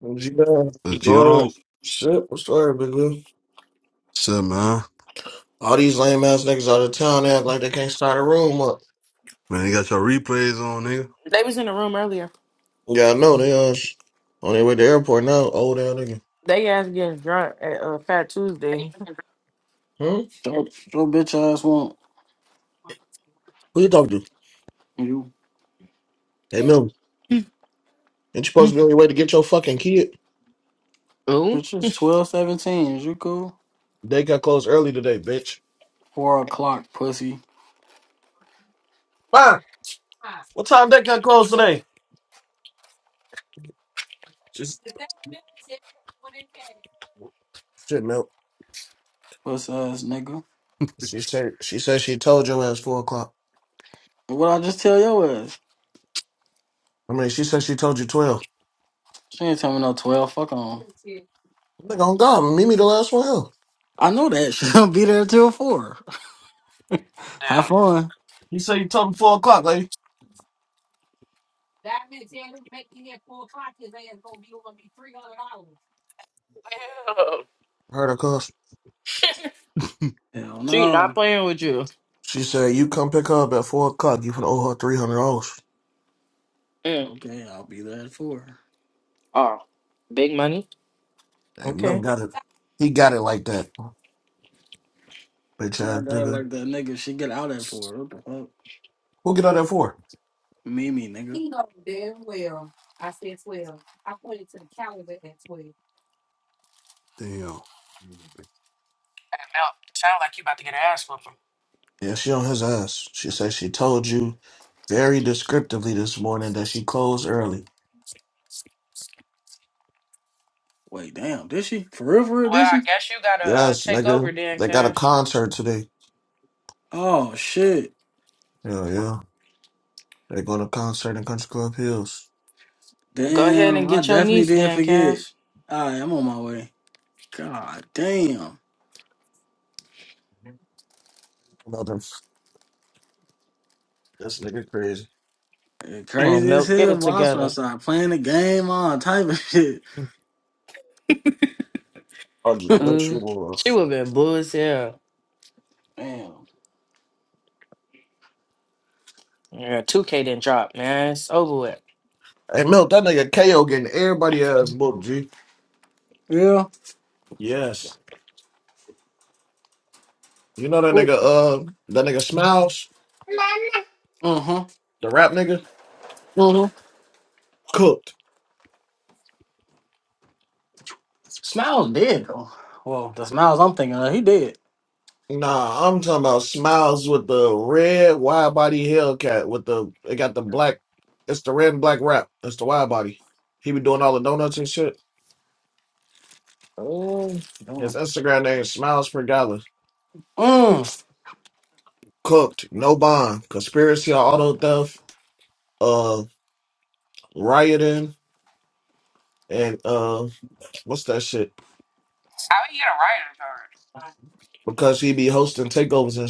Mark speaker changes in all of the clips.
Speaker 1: What you doing? You
Speaker 2: But you
Speaker 1: going?
Speaker 2: on?
Speaker 1: Shit, what's the word, big girl?
Speaker 2: What's up, man?
Speaker 1: All these lame ass niggas out of town they act like they can't start a room up.
Speaker 2: Man, they got your replays on,
Speaker 3: They was in the room earlier.
Speaker 1: Yeah, I know they uh sh- on their way to the airport now. Old ass nigga.
Speaker 3: They ass getting drunk at uh, Fat Tuesday.
Speaker 1: Hmm?
Speaker 4: Your, your bitch ass want
Speaker 1: Who you talking to?
Speaker 4: You
Speaker 1: Hey, Mil, ain't you supposed to be on your way to get your fucking kid?
Speaker 3: Ooh.
Speaker 4: bitch is twelve seventeen. Is you cool?
Speaker 1: They got closed early today, bitch.
Speaker 4: Four o'clock, pussy,
Speaker 1: Fine. What time they got closed today? She's shit, Mil.
Speaker 4: puss ass nigga.
Speaker 1: She said she said she told your ass four o'clock.
Speaker 4: What I just tell your ass?
Speaker 1: I mean, she said she told you twelve.
Speaker 4: She ain't tell me no twelve. Fuck on.
Speaker 1: Nigga, on God, meet me the last one. Else.
Speaker 4: I know that. She'll be there till four. Have
Speaker 3: Damn.
Speaker 4: fun.
Speaker 1: You said you told me four o'clock, lady.
Speaker 3: Damn.
Speaker 1: Heard her cuss.
Speaker 2: nigga.
Speaker 4: Hell
Speaker 3: She not
Speaker 4: no.
Speaker 3: playing with you.
Speaker 1: She said, "You come pick her up at four o'clock. You can owe her three hundred dollars."
Speaker 3: Mm.
Speaker 4: Okay, I'll be there at four.
Speaker 3: Oh, Big money.
Speaker 1: Hey,
Speaker 3: okay.
Speaker 1: no, got it. He got it like that, bitch
Speaker 4: So my
Speaker 1: ass
Speaker 4: dad
Speaker 1: nigga.
Speaker 4: like that nigga. She get out at four. What the fuck?
Speaker 1: Who get out there for?
Speaker 4: Mimi, nigga.
Speaker 2: Damn.
Speaker 3: Now, sound like you about to get an ass whooping.
Speaker 1: Yeah, she on his ass. She said she told you very descriptively this morning that she closed early.
Speaker 4: Wait, damn. Did she? For real? For real?
Speaker 3: Well,
Speaker 4: Did
Speaker 3: I
Speaker 4: she?
Speaker 3: guess you gotta uh,
Speaker 1: Yes,
Speaker 3: take over,
Speaker 1: nigga.
Speaker 3: Dan
Speaker 1: They got a
Speaker 3: Cash.
Speaker 1: concert today.
Speaker 4: Oh shit.
Speaker 1: Yeah, yeah. They going to concert in Country Club Hills.
Speaker 3: Go ahead and
Speaker 4: Damn. I
Speaker 3: get your
Speaker 4: definitely
Speaker 3: niece,
Speaker 4: did
Speaker 3: Dan
Speaker 4: forget.
Speaker 3: Cash.
Speaker 4: All right, I'm on my way. God damn.
Speaker 1: Nothing. This nigga crazy.
Speaker 4: It
Speaker 3: Come on,
Speaker 4: crazy as
Speaker 3: Milk, get
Speaker 4: hell.
Speaker 3: it
Speaker 4: Watson
Speaker 3: together.
Speaker 4: outside playing the game, all type of shit.
Speaker 1: I'll just bet you
Speaker 3: Ooh, she
Speaker 1: was.
Speaker 3: would have been blue as hell.
Speaker 4: Damn.
Speaker 3: Yeah, 2K didn't drop, man. It's over with.
Speaker 1: Hey, Milk, that nigga KO getting everybody ass booked, G.
Speaker 4: Yeah.
Speaker 1: Yes. You know that nigga,
Speaker 4: Ooh.
Speaker 1: uh, that nigga Smiles,
Speaker 4: Uh-huh.
Speaker 1: the rap nigga,
Speaker 4: Uh-huh.
Speaker 1: cooked.
Speaker 4: Smiles dead though. Well, the smiles I'm thinking of, he dead.
Speaker 1: Nah, I'm talking about Smiles with the red wide body Hellcat with the it got the black. It's the red and black wrap. It's the wide body. He be doing all the donuts and shit.
Speaker 4: Oh,
Speaker 1: His
Speaker 4: damn.
Speaker 1: Instagram name is Smiles per Dollar.
Speaker 4: Mm.
Speaker 1: Cooked, no bond, conspiracy on auto theft, uh, rioting, and uh, what's that shit?
Speaker 3: How you get a
Speaker 1: Because he be hosting takeovers and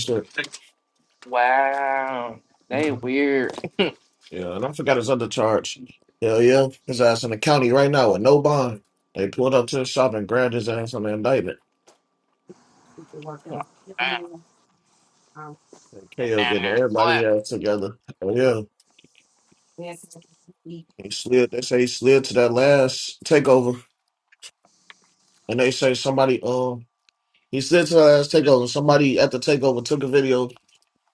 Speaker 3: writer card? Wow, they
Speaker 1: shit.
Speaker 3: weird.
Speaker 1: Yeah, and I forgot his other charge. Hell yeah, his ass in the county right now with no bond. They pulled up to the shop and grabbed his ass on the indictment.
Speaker 3: Damn,
Speaker 1: And
Speaker 3: get
Speaker 1: KO
Speaker 3: down there
Speaker 1: getting everybody
Speaker 3: and
Speaker 1: ass together. Hell yeah, he slid. They say he slid to that last takeover, and they say somebody um he slid to the last takeover. Somebody at the takeover took a video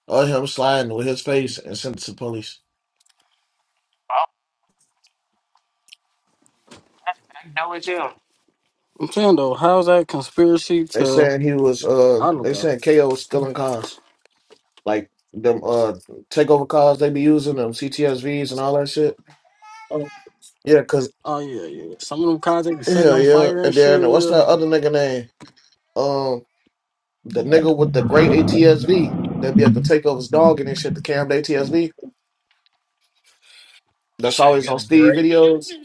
Speaker 1: of him sliding with his face and sent it to police.
Speaker 3: clap. Oh, I know it's him.
Speaker 4: I'm saying though, how's that conspiracy
Speaker 1: They
Speaker 4: to
Speaker 1: saying he was uh
Speaker 4: I don't
Speaker 1: they
Speaker 4: know.
Speaker 1: saying KO was stealing cars like them uh takeover cars they be using them CTSVs and all that shit. Yeah, cause
Speaker 4: Oh yeah, yeah. Some of them cars they be setting
Speaker 1: hell
Speaker 4: on
Speaker 1: yeah.
Speaker 4: fire and
Speaker 1: And
Speaker 4: shit,
Speaker 1: then what's
Speaker 4: yeah.
Speaker 1: that other nigga name? Um, the nigga with the great ATSV that be at the takeovers dogging and shit. The cam ATSV
Speaker 4: You
Speaker 1: that's
Speaker 4: should
Speaker 1: always
Speaker 4: get
Speaker 1: on
Speaker 4: a
Speaker 1: Steve
Speaker 4: great.
Speaker 1: videos.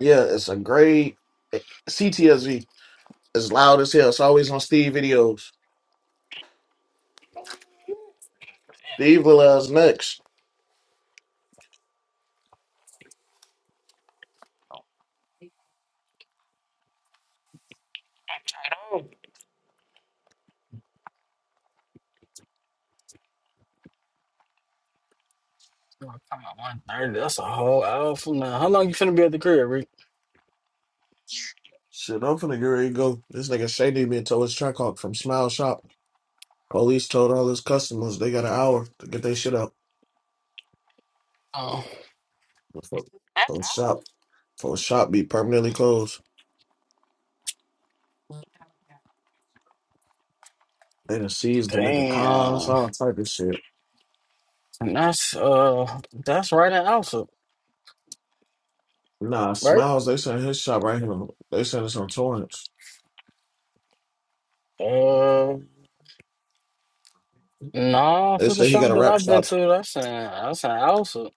Speaker 1: Yeah, it's a great CTSV. It's loud as hell. It's always on Steve videos. The evil ass next.
Speaker 3: I don't.
Speaker 4: Come out one thirty. That's a whole hour from now. How long you finna be at the crib, Rick?
Speaker 1: Shit, I'm finna get ready to go. This nigga Shady being told his truck hawk from Smile Shop. Police told all his customers they got an hour to get their shit out.
Speaker 4: Oh,
Speaker 3: I
Speaker 1: From shop.
Speaker 3: don't.
Speaker 1: For shop be permanently closed. They done seized the nigga cars,
Speaker 4: damn.
Speaker 1: all type of shit.
Speaker 4: And that's uh that's right in Alsip,
Speaker 1: Nah,
Speaker 4: right?
Speaker 1: Smiles, they sent his shop right here. They sent us on Torrance.
Speaker 4: Uh no,
Speaker 1: They
Speaker 4: for the
Speaker 1: said he got
Speaker 4: shop
Speaker 1: a
Speaker 4: that
Speaker 1: rap
Speaker 4: I've been
Speaker 1: shop.
Speaker 4: to, that's in that's in Alsip.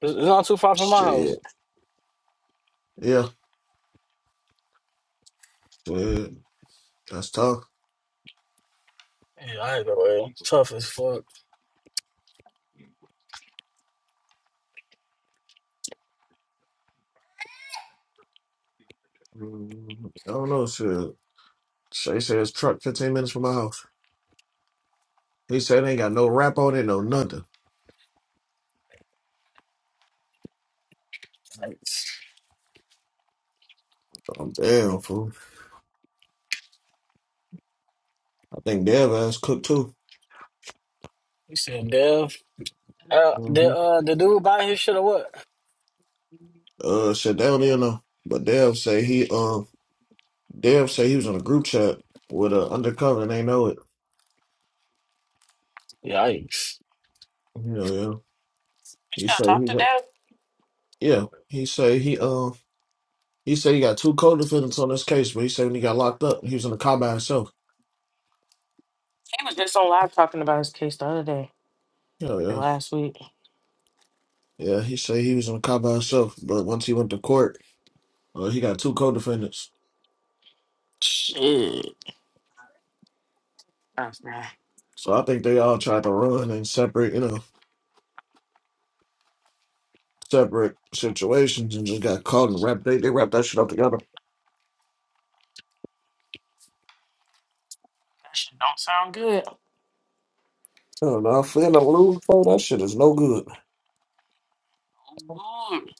Speaker 4: It's, it's not too far from my house.
Speaker 1: Shit. Yeah. Shit. That's tough.
Speaker 4: Yeah, either way. It's tough as fuck.
Speaker 1: Mm, I don't know, shit. Shay said his truck 15 minutes from my house. He said they ain't got no rap on it, no nothing.
Speaker 4: Like
Speaker 1: I'm damn, fool. I think Dev ass cooked too.
Speaker 4: you said Dev. Uh the
Speaker 1: hmm
Speaker 4: uh the dude buy his shit or what?
Speaker 1: Uh, shit, they don't even know. But Dev say he, um, Dev say he was in a group chat with a undercover and they know it.
Speaker 4: Yikes.
Speaker 1: You know, yeah.
Speaker 3: You
Speaker 1: He
Speaker 3: still
Speaker 1: say
Speaker 3: talk
Speaker 1: he
Speaker 3: to
Speaker 1: got,
Speaker 3: Dad?
Speaker 1: yeah. He say he uh he say he got two co-defendants on this case, but he say when he got locked up, he was in the car by himself.
Speaker 3: He was just on live talking about his case the other day,
Speaker 1: Yeah,
Speaker 3: like
Speaker 1: yeah,
Speaker 3: last week.
Speaker 1: yeah. He say he was in the car by himself, but once he went to court, uh, he got two co-defendants.
Speaker 3: Shit. That's bad.
Speaker 1: So I think they all tried to run in separate, you know, separate situations and just got caught and wrapped. They they wrapped that shit up together.
Speaker 3: That shit don't sound good.
Speaker 1: I don't know. I feel no loop, bro. That shit is no good.
Speaker 3: Ooh, even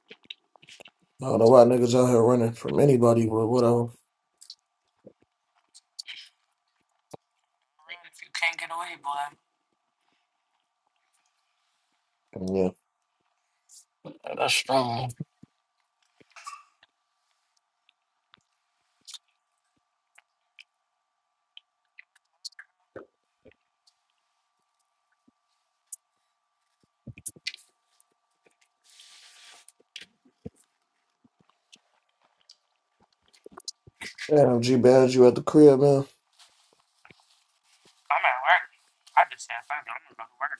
Speaker 1: I don't know why niggas out here running from anybody, but whatever.
Speaker 3: if you can't get away, boy. I'm
Speaker 1: Yeah.
Speaker 4: That's strong.
Speaker 1: Damn, G Bad, you at the crib, man.
Speaker 3: at work. I just said, fuck it, I'm gonna go to work.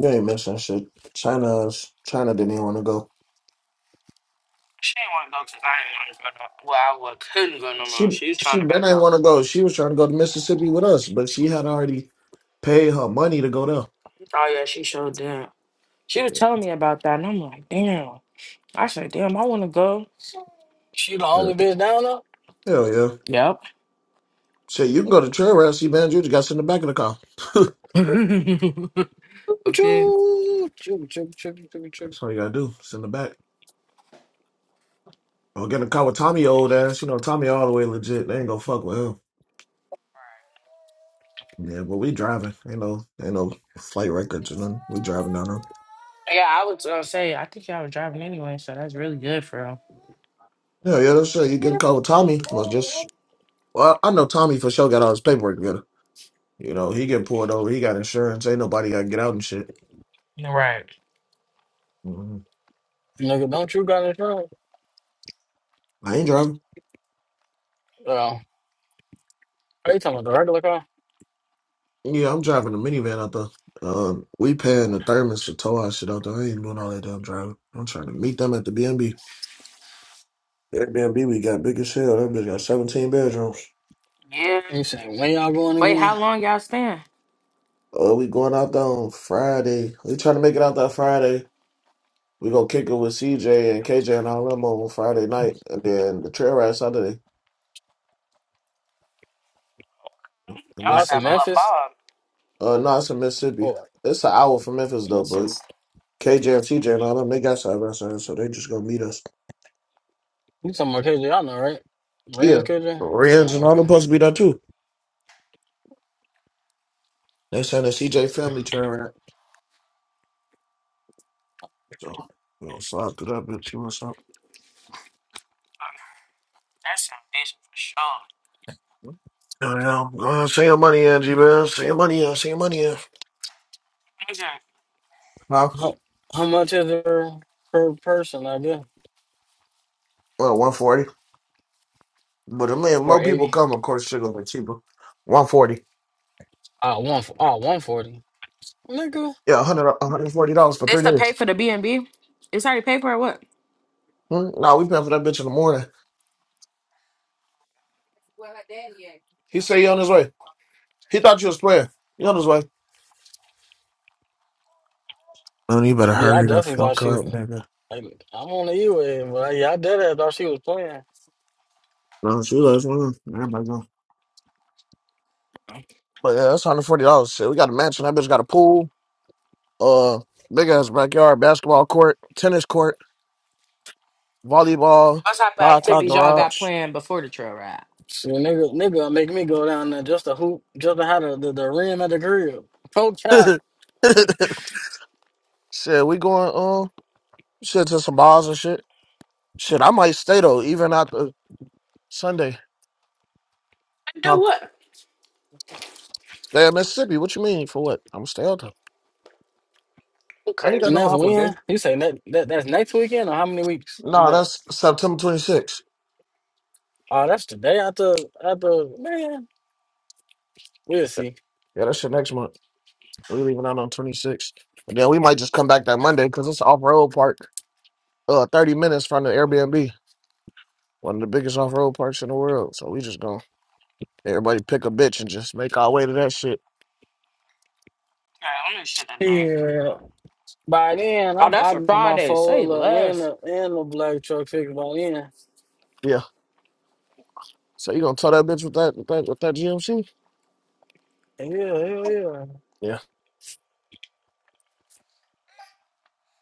Speaker 1: You ain't missing shit. China, China didn't even want to go.
Speaker 3: She didn't want to go because I didn't want to go no Well, I wa- couldn't go no more.
Speaker 1: She,
Speaker 3: She was trying
Speaker 1: she
Speaker 3: to
Speaker 1: Ben didn't
Speaker 3: back out.
Speaker 1: want to go. She was trying to go to Mississippi with us, but she had already paid her money to go
Speaker 3: Oh, yeah, she showed that. She was telling me about that, and I'm like, damn. I said, damn, I want to go.
Speaker 4: She the
Speaker 1: there.
Speaker 4: only bitch down there?
Speaker 1: Yeah. Hell yeah.
Speaker 3: Yep.
Speaker 1: Shit, you can go to trail route, see Bad, you just got to sit in the back of the car.
Speaker 3: okay.
Speaker 4: Choo choo choo choo choo choo. choo.
Speaker 1: That's all you gotta do. Sit in the back. Or get in the car with Tommy old ass. You know, Tommy all the way legit. They ain't gonna fuck with him. Yeah, but we driving. Ain't no, ain't no flight records or nothing. We driving down there.
Speaker 3: Yeah, I was gonna say, I think y'all were driving anyway, so that's really good for
Speaker 1: Yeah, yeah, that's right. You get in the car with Tommy. Well, just
Speaker 3: real.
Speaker 1: Well, I know Tommy for sure got all his paperwork together. You know, he getting pulled over. He got insurance. Ain't nobody got to get out and shit.
Speaker 3: Right.
Speaker 1: Mhm.
Speaker 4: Nigga, don't you got insurance?
Speaker 1: I ain't driving.
Speaker 4: Oh, are you talking about the regular car?
Speaker 1: Yeah, I'm driving a minivan out there. Um, we paying
Speaker 4: Oh.
Speaker 1: the thermos to tow our shit out there. I ain't doing all that damn driving. I'm trying to meet them at the B&B. Airbnb we got big as hell. That bitch got 17 bedrooms.
Speaker 3: Yeah.
Speaker 4: You saying when y'all going
Speaker 3: Wait, how
Speaker 4: again?
Speaker 3: long y'all staying?
Speaker 1: Uh, we going out there on Friday. We trying to make it out there Friday. We gonna kick it with CJ and KJ and all them on Friday night, and then the trail ride Saturday. And
Speaker 3: Y'all
Speaker 4: Oh,
Speaker 3: about
Speaker 4: it's
Speaker 3: to
Speaker 1: that's
Speaker 3: have
Speaker 4: in
Speaker 3: a
Speaker 1: it.
Speaker 3: little
Speaker 4: Memphis.
Speaker 3: ball.
Speaker 1: Uh, no, it's in Mississippi.
Speaker 4: Oh,
Speaker 1: It's an hour from Memphis though,
Speaker 4: let's see.
Speaker 1: but KJ and TJ and all them, they got side by side, so they just gonna meet us.
Speaker 4: You talking about KJ? Y'all know, right?
Speaker 1: Yeah,
Speaker 4: Rand's KJ.
Speaker 1: Renz
Speaker 4: Oh,
Speaker 1: and all
Speaker 4: okay.
Speaker 1: them supposed to be there too. They saying the CJ family turn, around, so we gonna slide through that bitch. You what's up?
Speaker 3: That's some bitch for sure.
Speaker 1: Yeah, yeah. go ahead, send your money in, G man. Send your money in. Send your money in.
Speaker 3: Is it-
Speaker 1: Huh?
Speaker 4: How, how much is it per per person? I guess
Speaker 1: Well, one forty. But I mean, if
Speaker 4: four
Speaker 1: more people
Speaker 4: eighty.
Speaker 1: come, of course, shit gonna be cheaper. One forty.
Speaker 4: Oh, one. Oh, one forty. Nigga.
Speaker 1: Yeah, hundred, one hundred forty dollars for
Speaker 3: This
Speaker 1: three
Speaker 3: to pay
Speaker 1: days.
Speaker 3: for the B and B? It's already paid for or what?
Speaker 1: Hmm? Nah, we paying for that bitch in the morning. He said he on his way. He thought you was playing. He on his way. Man, you better
Speaker 4: Yeah, I
Speaker 1: hurry the
Speaker 4: definitely thought
Speaker 1: fuck
Speaker 4: she.
Speaker 1: up, nigga.
Speaker 4: Like, I'm on the E-way, but yeah, I dead thought she was playing.
Speaker 1: No, she left one. Everybody go. But yeah, that's hundred forty dollars. Shit, we got a mansion. That bitch got a pool, uh, big ass backyard, basketball court, tennis court, volleyball,
Speaker 3: What type of
Speaker 1: five car
Speaker 3: activities y'all got
Speaker 1: garage.
Speaker 3: planned before the trail ride?
Speaker 4: She nigga, nigga, make me go down there just to hoop, just to have the, the, the rim at the crib. Pro chop,
Speaker 1: shit, we going um, shit to some bars and shit. Shit, I might stay though, even after Sunday. Huh?
Speaker 3: Do what?
Speaker 1: Stay in Mississippi. What you mean for what? I'm gonna stay out though.
Speaker 3: You
Speaker 1: I ain't
Speaker 3: crazy.
Speaker 1: got
Speaker 4: and
Speaker 1: no
Speaker 4: that's when
Speaker 1: obligation.
Speaker 4: you say that, that that's next weekend or how many weeks you
Speaker 1: Nah,
Speaker 4: got?
Speaker 1: that's September twenty sixth.
Speaker 4: Oh, that's today after after man. We'll see.
Speaker 1: Yeah, that shit next month. We leaving out on 26. And then we might just come back that Monday because it's off road park, uh, 30 minutes from the Airbnb, one of the biggest off road parks in the world. So we just gonna everybody pick a bitch and just make our way to that shit.
Speaker 3: Yeah, I'm gonna shut that down.
Speaker 4: Yeah. By then, I
Speaker 3: Oh,
Speaker 4: I
Speaker 3: that's for
Speaker 4: got my
Speaker 3: Friday.
Speaker 4: four
Speaker 3: Say
Speaker 4: wheeler and
Speaker 3: less.
Speaker 4: a and a black truck fixed by then.
Speaker 1: Yeah. So you gonna tow that bitch with that with that with that GMC?
Speaker 4: Yeah, hell yeah.
Speaker 1: Yeah.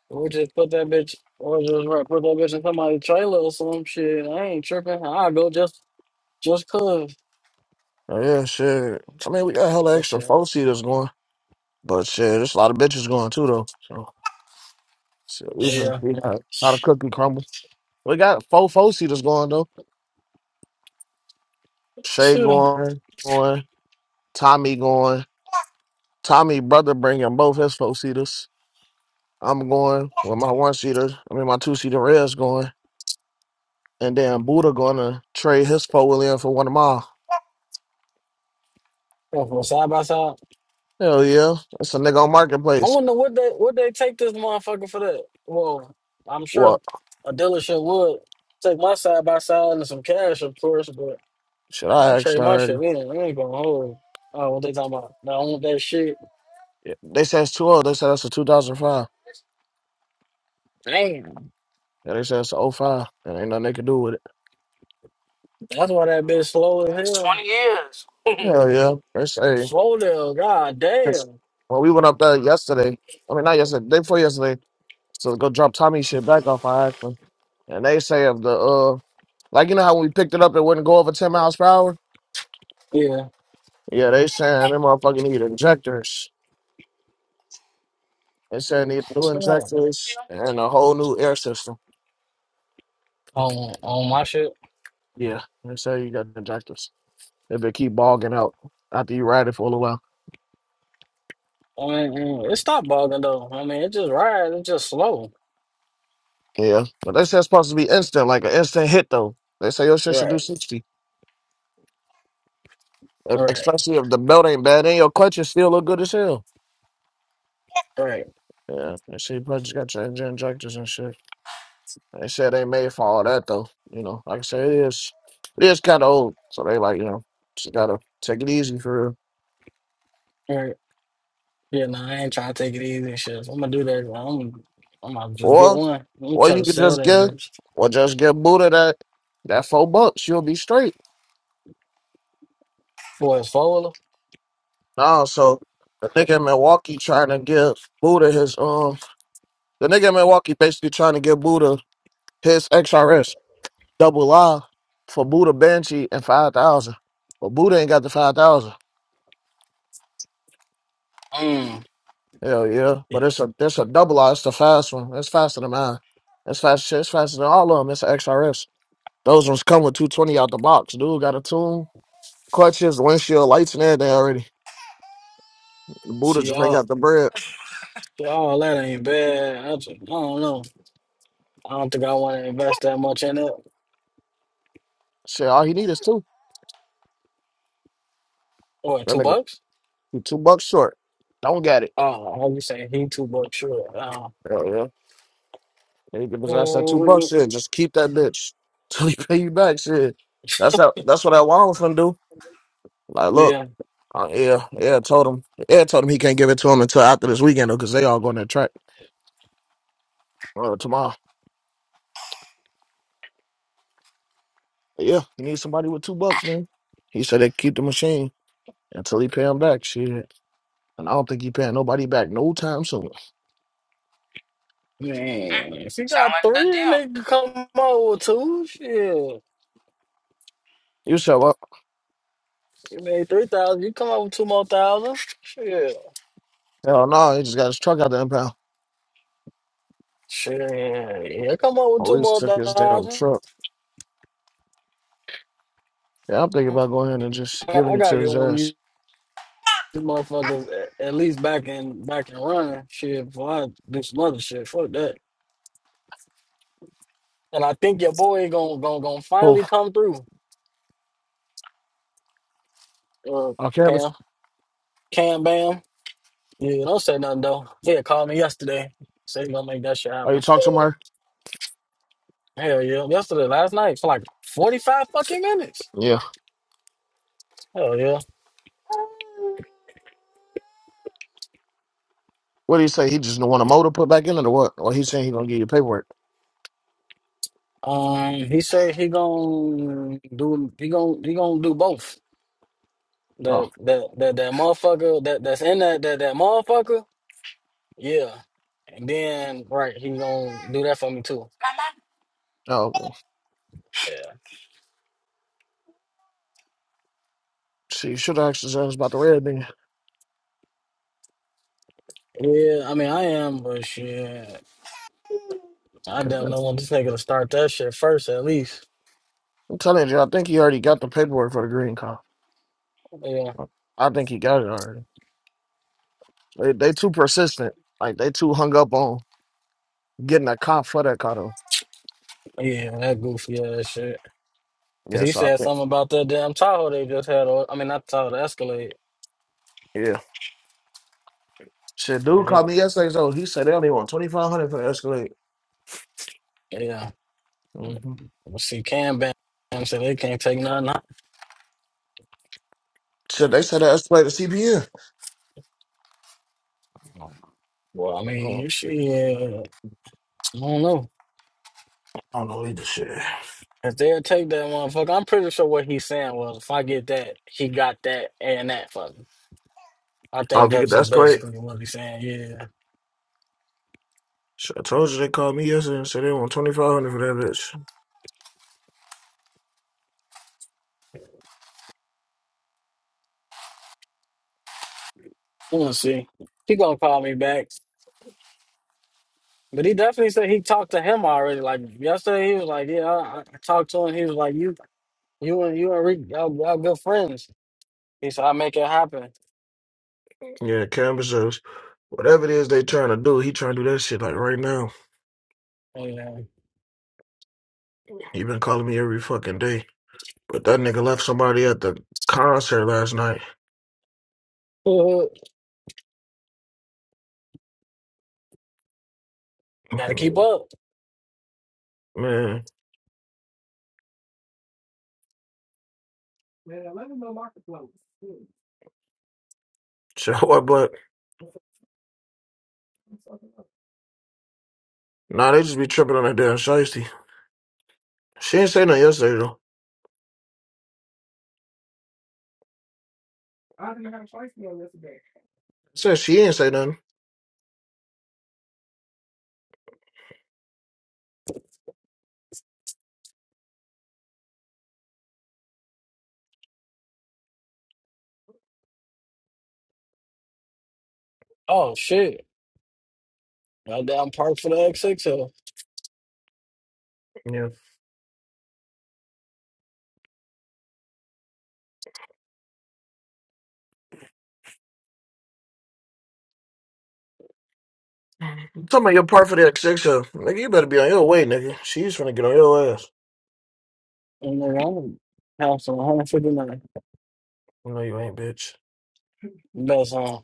Speaker 4: Or just put that bitch, or just right, put that bitch in somebody's trailer or some shit. I ain't tripping. I go just just cause
Speaker 1: Oh yeah, shit. I mean, we got hella
Speaker 4: for
Speaker 1: extra
Speaker 4: shit.
Speaker 1: four seaters going, but shit, there's a lot of bitches going too though. So shit, we
Speaker 4: Oh,
Speaker 1: finna
Speaker 4: Yeah,
Speaker 1: see how how the cookie crumble. We got four four seaters going though. Shay
Speaker 4: sure.
Speaker 1: going, going, Tommy going. Tommy brother bringing both his four seaters. I'm going with my one seater. I mean my two seater red's going, and then Buddha gonna trade his four wheel in for one of mine.
Speaker 4: Go for side by side.
Speaker 1: Hell yeah, it's a nigga on
Speaker 4: I
Speaker 1: marketplace.
Speaker 4: wonder what they what they take this motherfucker for that. Well, I'm sure
Speaker 1: What?
Speaker 4: a dealership would take my side by side and some cash, of course, but.
Speaker 1: Should
Speaker 4: My
Speaker 1: I ask
Speaker 4: trade, my shit,
Speaker 1: already?
Speaker 4: we ain't, we ain't gonna hold. Oh, what they talking about? They do want that shit.
Speaker 1: Yeah. They said it's too old. They said that's a 2005.
Speaker 4: Damn.
Speaker 1: Yeah, they said it's a oh 05. And ain't nothing they can do with it.
Speaker 4: That's why that bitch slow as
Speaker 3: That's
Speaker 4: hell.
Speaker 3: 20 years.
Speaker 1: Hell yeah. They say
Speaker 4: Slow down, god
Speaker 1: it's-
Speaker 4: damn.
Speaker 1: when we went up there yesterday. I mean not yesterday, day before yesterday. So go drop Tommy shit back off. I asked him. And they say if the uh like you know how when we picked it up it wouldn't go over ten miles per hour?
Speaker 4: Yeah.
Speaker 1: Yeah, they saying them motherfucking need injectors. They saying need new
Speaker 4: It's not
Speaker 1: injectors and a whole new air system.
Speaker 4: on, on my shit.
Speaker 1: Yeah. They say you got injectors. If they keep bogging out after you ride it for a little while.
Speaker 4: I mean, mm, it stopped bugging though. I mean, it just rides, it's just slow.
Speaker 1: Yeah. But they say it's supposed to be instant, like an instant hit though. They say your shit should
Speaker 4: Right.
Speaker 1: do sixty. e-
Speaker 4: Right.
Speaker 1: Especially if the belt ain't bad and your clutches still look good as hell.
Speaker 4: Right.
Speaker 1: Yeah. They say you probably just got your injectors and shit. They said they made for all that though. You know, like I said, it is it is kind of old, so they like you know just gotta take it easy for real.
Speaker 4: Right. Yeah, no, I ain't trying to take it easy and shit. I'm gonna do that. I'm, I'm gonna just get
Speaker 1: Or
Speaker 4: one. I'm gonna
Speaker 1: or
Speaker 4: try
Speaker 1: you
Speaker 4: to
Speaker 1: could
Speaker 4: sell
Speaker 1: just
Speaker 4: that
Speaker 1: get
Speaker 4: bitch
Speaker 1: or just get booted at that four bucks, you'll be straight.
Speaker 4: for a folder.
Speaker 1: Nah, so the nigga in Milwaukee trying to give Buddha his um the nigga in Milwaukee basically trying to give Buddha his XRS double I for Buddha Banshee and five thousand, but Buddha ain't got the five thousand.
Speaker 4: Mm.
Speaker 1: Hell yeah.
Speaker 4: Yeah.
Speaker 1: But it's a it's a
Speaker 4: yeah.
Speaker 1: double R. It's the fast one. It's faster than mine. It's fast shit. It's faster than all of them. It's a XRS. Those ones come with 220 out the box. Dude got a tune, crutches, windshield, lights, and everything already. The Buddha
Speaker 4: See
Speaker 1: just ain't
Speaker 4: y'all.
Speaker 1: got the bread.
Speaker 4: So all that ain't bad. I, just, I don't know. I don't think I want to invest that much in it.
Speaker 1: Shit, all he need is two.
Speaker 4: What,
Speaker 1: That
Speaker 4: two
Speaker 1: nigga,
Speaker 4: bucks?
Speaker 1: he two bucks short. Don't get it.
Speaker 4: Oh, how you saying he two bucks? Sure. Uh,
Speaker 1: Hell yeah. And he give his ass that two bucks
Speaker 4: mm,
Speaker 1: shit. Just keep that bitch till he pay you back shit. That's how, that's what that Wallace was finna do. Like, look,
Speaker 4: yeah,
Speaker 1: uh, yeah, yeah, told him. Yeah, told him he can't give it to him until after this weekend though, because they all going to track. Uh, tomorrow. But yeah, he needs somebody with two bucks, man. He said they keep the machine until he pay him back. Shit. And I don't think he paying nobody back no time soon.
Speaker 4: man. If you
Speaker 3: Sound
Speaker 4: got
Speaker 3: like a good
Speaker 4: three, and
Speaker 3: deal.
Speaker 4: they can come out with two, shit.
Speaker 1: You said, well,
Speaker 4: You made three thousand. You come out with two more thousand. Shit,
Speaker 1: hell no, he just got his truck out the impound.
Speaker 4: shit. Yeah, come out with two
Speaker 1: Police
Speaker 4: more
Speaker 1: took his damn
Speaker 4: thousand.
Speaker 1: truck. Yeah, I'm thinking about going ahead and just
Speaker 4: I, I
Speaker 1: giving it
Speaker 4: gotta
Speaker 1: to
Speaker 4: get
Speaker 1: his
Speaker 4: one of these
Speaker 1: ass.
Speaker 4: motherfuckers at, at least back in back and running. Shit, before I do some other shit. Fuck that. And I think your boy gonna gonna gonna
Speaker 1: Oh,
Speaker 4: finally come through. Uh,
Speaker 1: on campus.
Speaker 4: Cam, Cam, Bam. Yeah, don't say nothing though. Yeah, called me yesterday. Said he gonna make that shit
Speaker 1: Oh, you
Speaker 4: happen.
Speaker 1: talk to Mark?
Speaker 4: Hell yeah! Yesterday, last night for like forty five fucking minutes.
Speaker 1: Yeah.
Speaker 4: Hell yeah!
Speaker 1: What do you say? He just don't want a motor put back in it or what? Or he's saying he gonna give you paperwork.
Speaker 4: Um, he said he gonna do he gonna he gonna do both.
Speaker 1: Oh,
Speaker 4: That that that that motherfucker that that's in that that that motherfucker. Yeah, and then right he gonna do that for me too.
Speaker 3: My mom
Speaker 1: oh, okay.
Speaker 4: Yeah.
Speaker 1: see, you should have asked his ass about the red thing.
Speaker 4: Yeah, I mean, I am, but shit. I
Speaker 1: Could've
Speaker 4: don't
Speaker 1: got- it.
Speaker 4: know when this nigga to start that shit first, at least.
Speaker 1: I'm telling you, I think he already got the paperwork for the green car.
Speaker 4: Yeah,
Speaker 1: I think he got it already. They they too persistent. Like they too hung up on getting a cop for that car though.
Speaker 4: yeah, that goofy ass shit. Cause
Speaker 1: Yeah,
Speaker 4: he
Speaker 1: so I
Speaker 4: said
Speaker 1: think
Speaker 4: something about that damn Tahoe they just had. Or, I mean, not Tahoe, the Escalade.
Speaker 1: yeah. Shit, dude
Speaker 4: Right?
Speaker 1: called me yesterday. So he said they only want twenty five hundred for the Escalade.
Speaker 4: Yeah.
Speaker 1: hmm
Speaker 4: Well, see, Cam Bam said they can't take nothing.
Speaker 1: Shit, they said that Escalade to CPN.
Speaker 4: Out. Well, I
Speaker 1: So, I
Speaker 4: mean,
Speaker 1: don't
Speaker 4: you Yeah, I don't know.
Speaker 1: I don't know either shit.
Speaker 4: If they'll take that motherfucker, I'm pretty sure what he's saying was, if I get that, he got that and that for me. I
Speaker 1: Oh, if
Speaker 4: think
Speaker 1: you get
Speaker 4: that's
Speaker 1: the
Speaker 4: just
Speaker 1: Escalade.
Speaker 4: basically what he's saying. Yeah,
Speaker 1: Shit, I told you they called me yesterday and said they want twenty five hundred for that bitch.
Speaker 4: we'll see. He gonna call me back. But he definitely said he talked to him already. Like yesterday, he was like, "Yeah, I, I talked to him." He was like, "You, you and you and Rick, y'all, y'all good friends." He said, "I make it happen."
Speaker 1: Yeah, canvas says whatever it is they trying to do, he trying to do that shit like right now.
Speaker 4: And
Speaker 1: He been calling me every fucking day. But that nigga left somebody at the concert last night.
Speaker 4: uh, gotta keep
Speaker 1: Mm-hmm.
Speaker 4: up.
Speaker 1: Man, shit, what? But nah, they just be tripping on that damn shiesty. She ain't say nothing yesterday though. Said she ain't say nothing.
Speaker 4: Oh shit! Got down park for the XXL.
Speaker 1: Yeah. talking about your part for the XX show, nigga. You better be on your way, nigga. She's trying to get on your ass.
Speaker 4: And then I'm council 159
Speaker 1: No, you ain't, bitch.
Speaker 4: best on.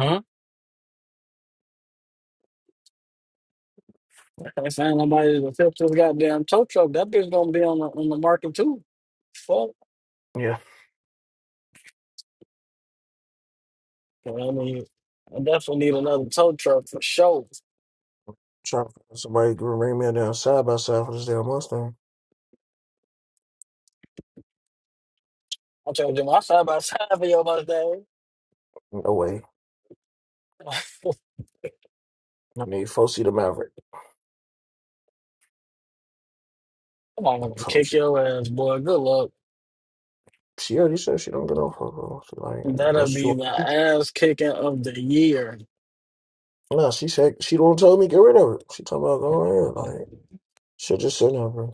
Speaker 4: Huh? I saying nobody's gonna fix this goddamn tow truck. That bitch gonna be on the on the market too. Fuck.
Speaker 1: Yeah.
Speaker 4: Well, I mean, I definitely need another tow truck for sure.
Speaker 1: Trying to find somebody who bring me down side by side for this damn Mustang.
Speaker 4: I'm trying to do my side by side for your birthday.
Speaker 1: No way.
Speaker 4: Come
Speaker 1: I need four seat of Maverick.
Speaker 4: on,
Speaker 1: Oh
Speaker 4: kick
Speaker 1: She
Speaker 4: your ass, boy. Good luck.
Speaker 1: she already said she don't get no fuck off of her. She like, uh,
Speaker 4: That'll
Speaker 1: that's what you
Speaker 4: be the ass kicking of the year.
Speaker 1: want. Nah, she said she don't tell me get rid of it. She talking about going in. Like, shit just sitting there,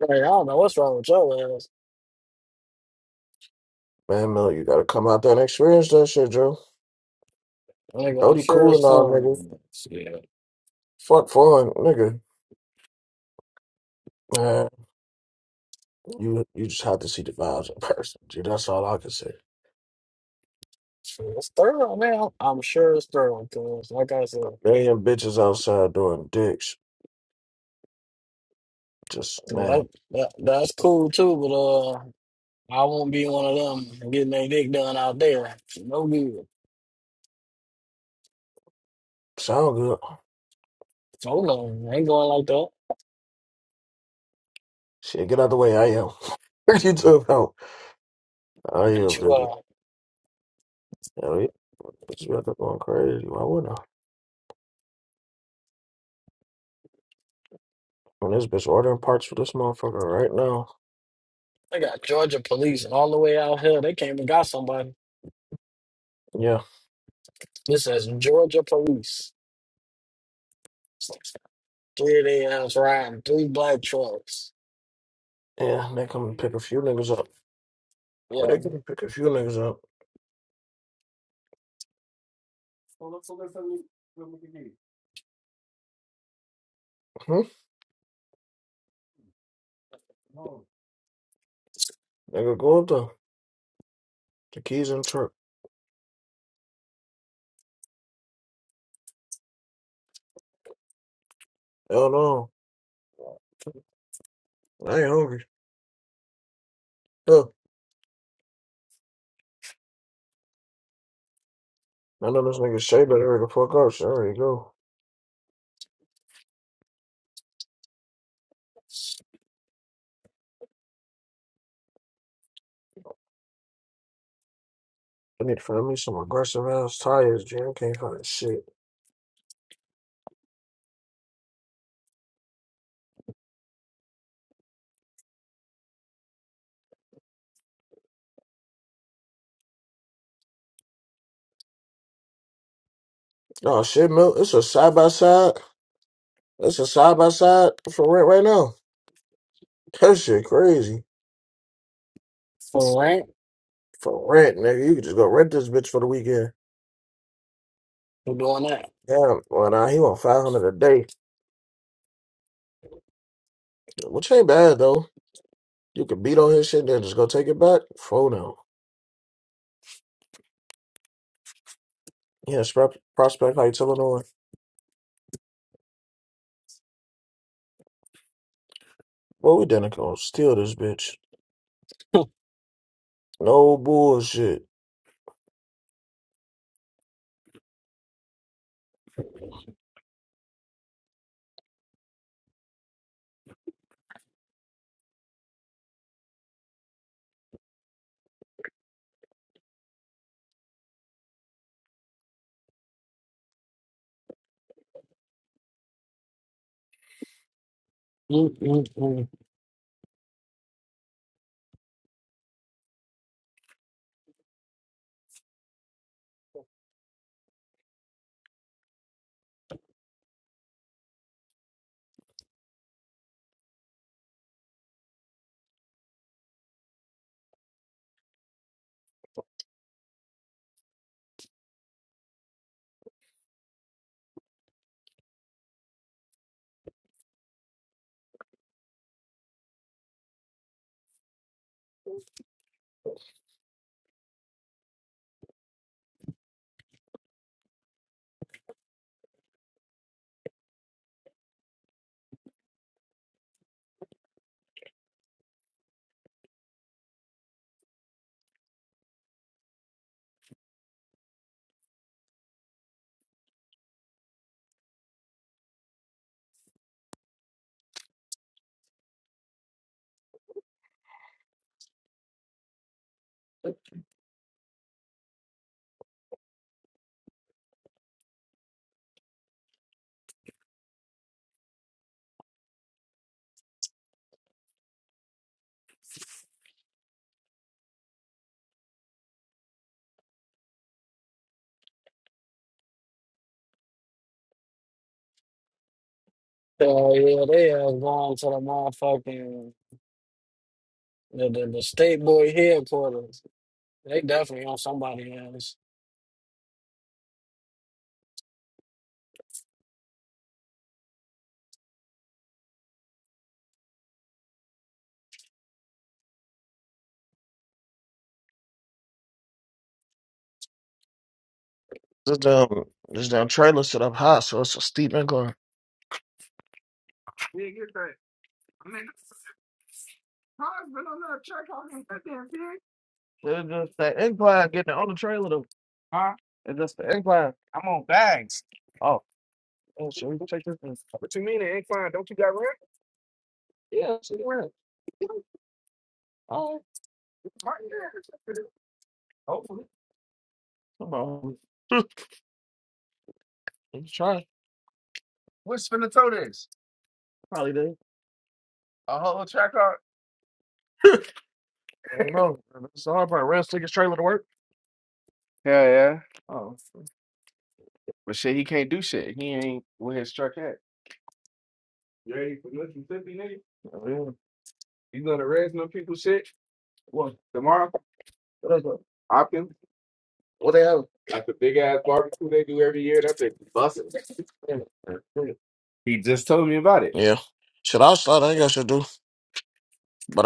Speaker 4: Like, I don't know what's wrong with your ass.
Speaker 1: Man, Miller, you gotta come out there and experience that shit, Joe.
Speaker 4: Nigga, I'm
Speaker 1: Dodie
Speaker 4: sure
Speaker 1: cool
Speaker 4: it's
Speaker 1: and all, nigga.
Speaker 4: fun. Yeah,
Speaker 1: Fuck fun, nigga. Man, you you just have to see the vibes in person, dude. That's all I can say.
Speaker 4: Sure it's thorough, man. I'm sure it's thorough, cause like I said,
Speaker 1: Million bitches outside doing dicks. Just man,
Speaker 4: that, that, that's cool too, but uh, I won't be one of them getting their dick done out there. No good.
Speaker 1: sound good.
Speaker 4: So no, ain't going like that.
Speaker 1: Shit, get out the way. I am. What you talking about? I am,
Speaker 4: Bet you
Speaker 1: nigga.
Speaker 4: are.
Speaker 1: Hell yeah, bitch, you out there going crazy. Why wouldn't I? And this bitch ordering parts for this motherfucker right now.
Speaker 4: They got Georgia police all the way out here. They came and got somebody.
Speaker 1: Yeah,
Speaker 4: This says Georgia police. Three of their ass riding three black trucks.
Speaker 1: yeah. They come and pick a few niggas up. Yeah,
Speaker 4: Yeah.
Speaker 1: they come and pick a few niggas up. Hmm? Nigga, go up there. The keys in the truck. Hell no. I ain't hungry. Look, I know this nigga Shay better hurry the fuck up. So there you go. I need to find me some aggressive ass tires, Jim. Can't find shit. Oh shit, milk. It's a side by side. It's a side by side for rent right now. That shit crazy.
Speaker 4: For rent,
Speaker 1: For rent, nigga. You could just go rent this bitch for the weekend.
Speaker 4: we're doing that.
Speaker 1: Damn. Well, nah, he want 500 a day. Which ain't bad, though. You could beat on his shit, then just go take it back. Phone out. Yeah, Spr- Prospect Heights, Illinois. Well, we done gonna steal this bitch. No bullshit.
Speaker 4: Mm-mm-mm. So yeah, they are going to the motherfucking the, the, the state boy headquarters. They definitely on somebody else.
Speaker 1: This damn this damn trailer set up high, so it's a steep incline. that. that that I mean, car's been on that track, all day, that damn thing. It's just the incline getting on the trailer though. Huh? It's just the incline. I'm on bags. Oh, oh shit, we can take this thing. What you mean, the incline? Don't you got rent? Yeah, she got rent. Oh, Martin, yeah. Hopefully. come on. Let's try. What's spin the toe this? Probably did. A whole track I don't know. It's all right. Rams take his trailer to work. Yeah, yeah. Oh, But shit, he can't do shit. He ain't with his truck at. You ready for Mississippi, nigga? oh, yeah. You gonna rest What? tomorrow? What it? Hopkins? What they have? That's a big ass barbecue they do every year. That takes busting. Yeah. He just told me about it. Yeah. Shit, I'll start. I ain't got shit to do.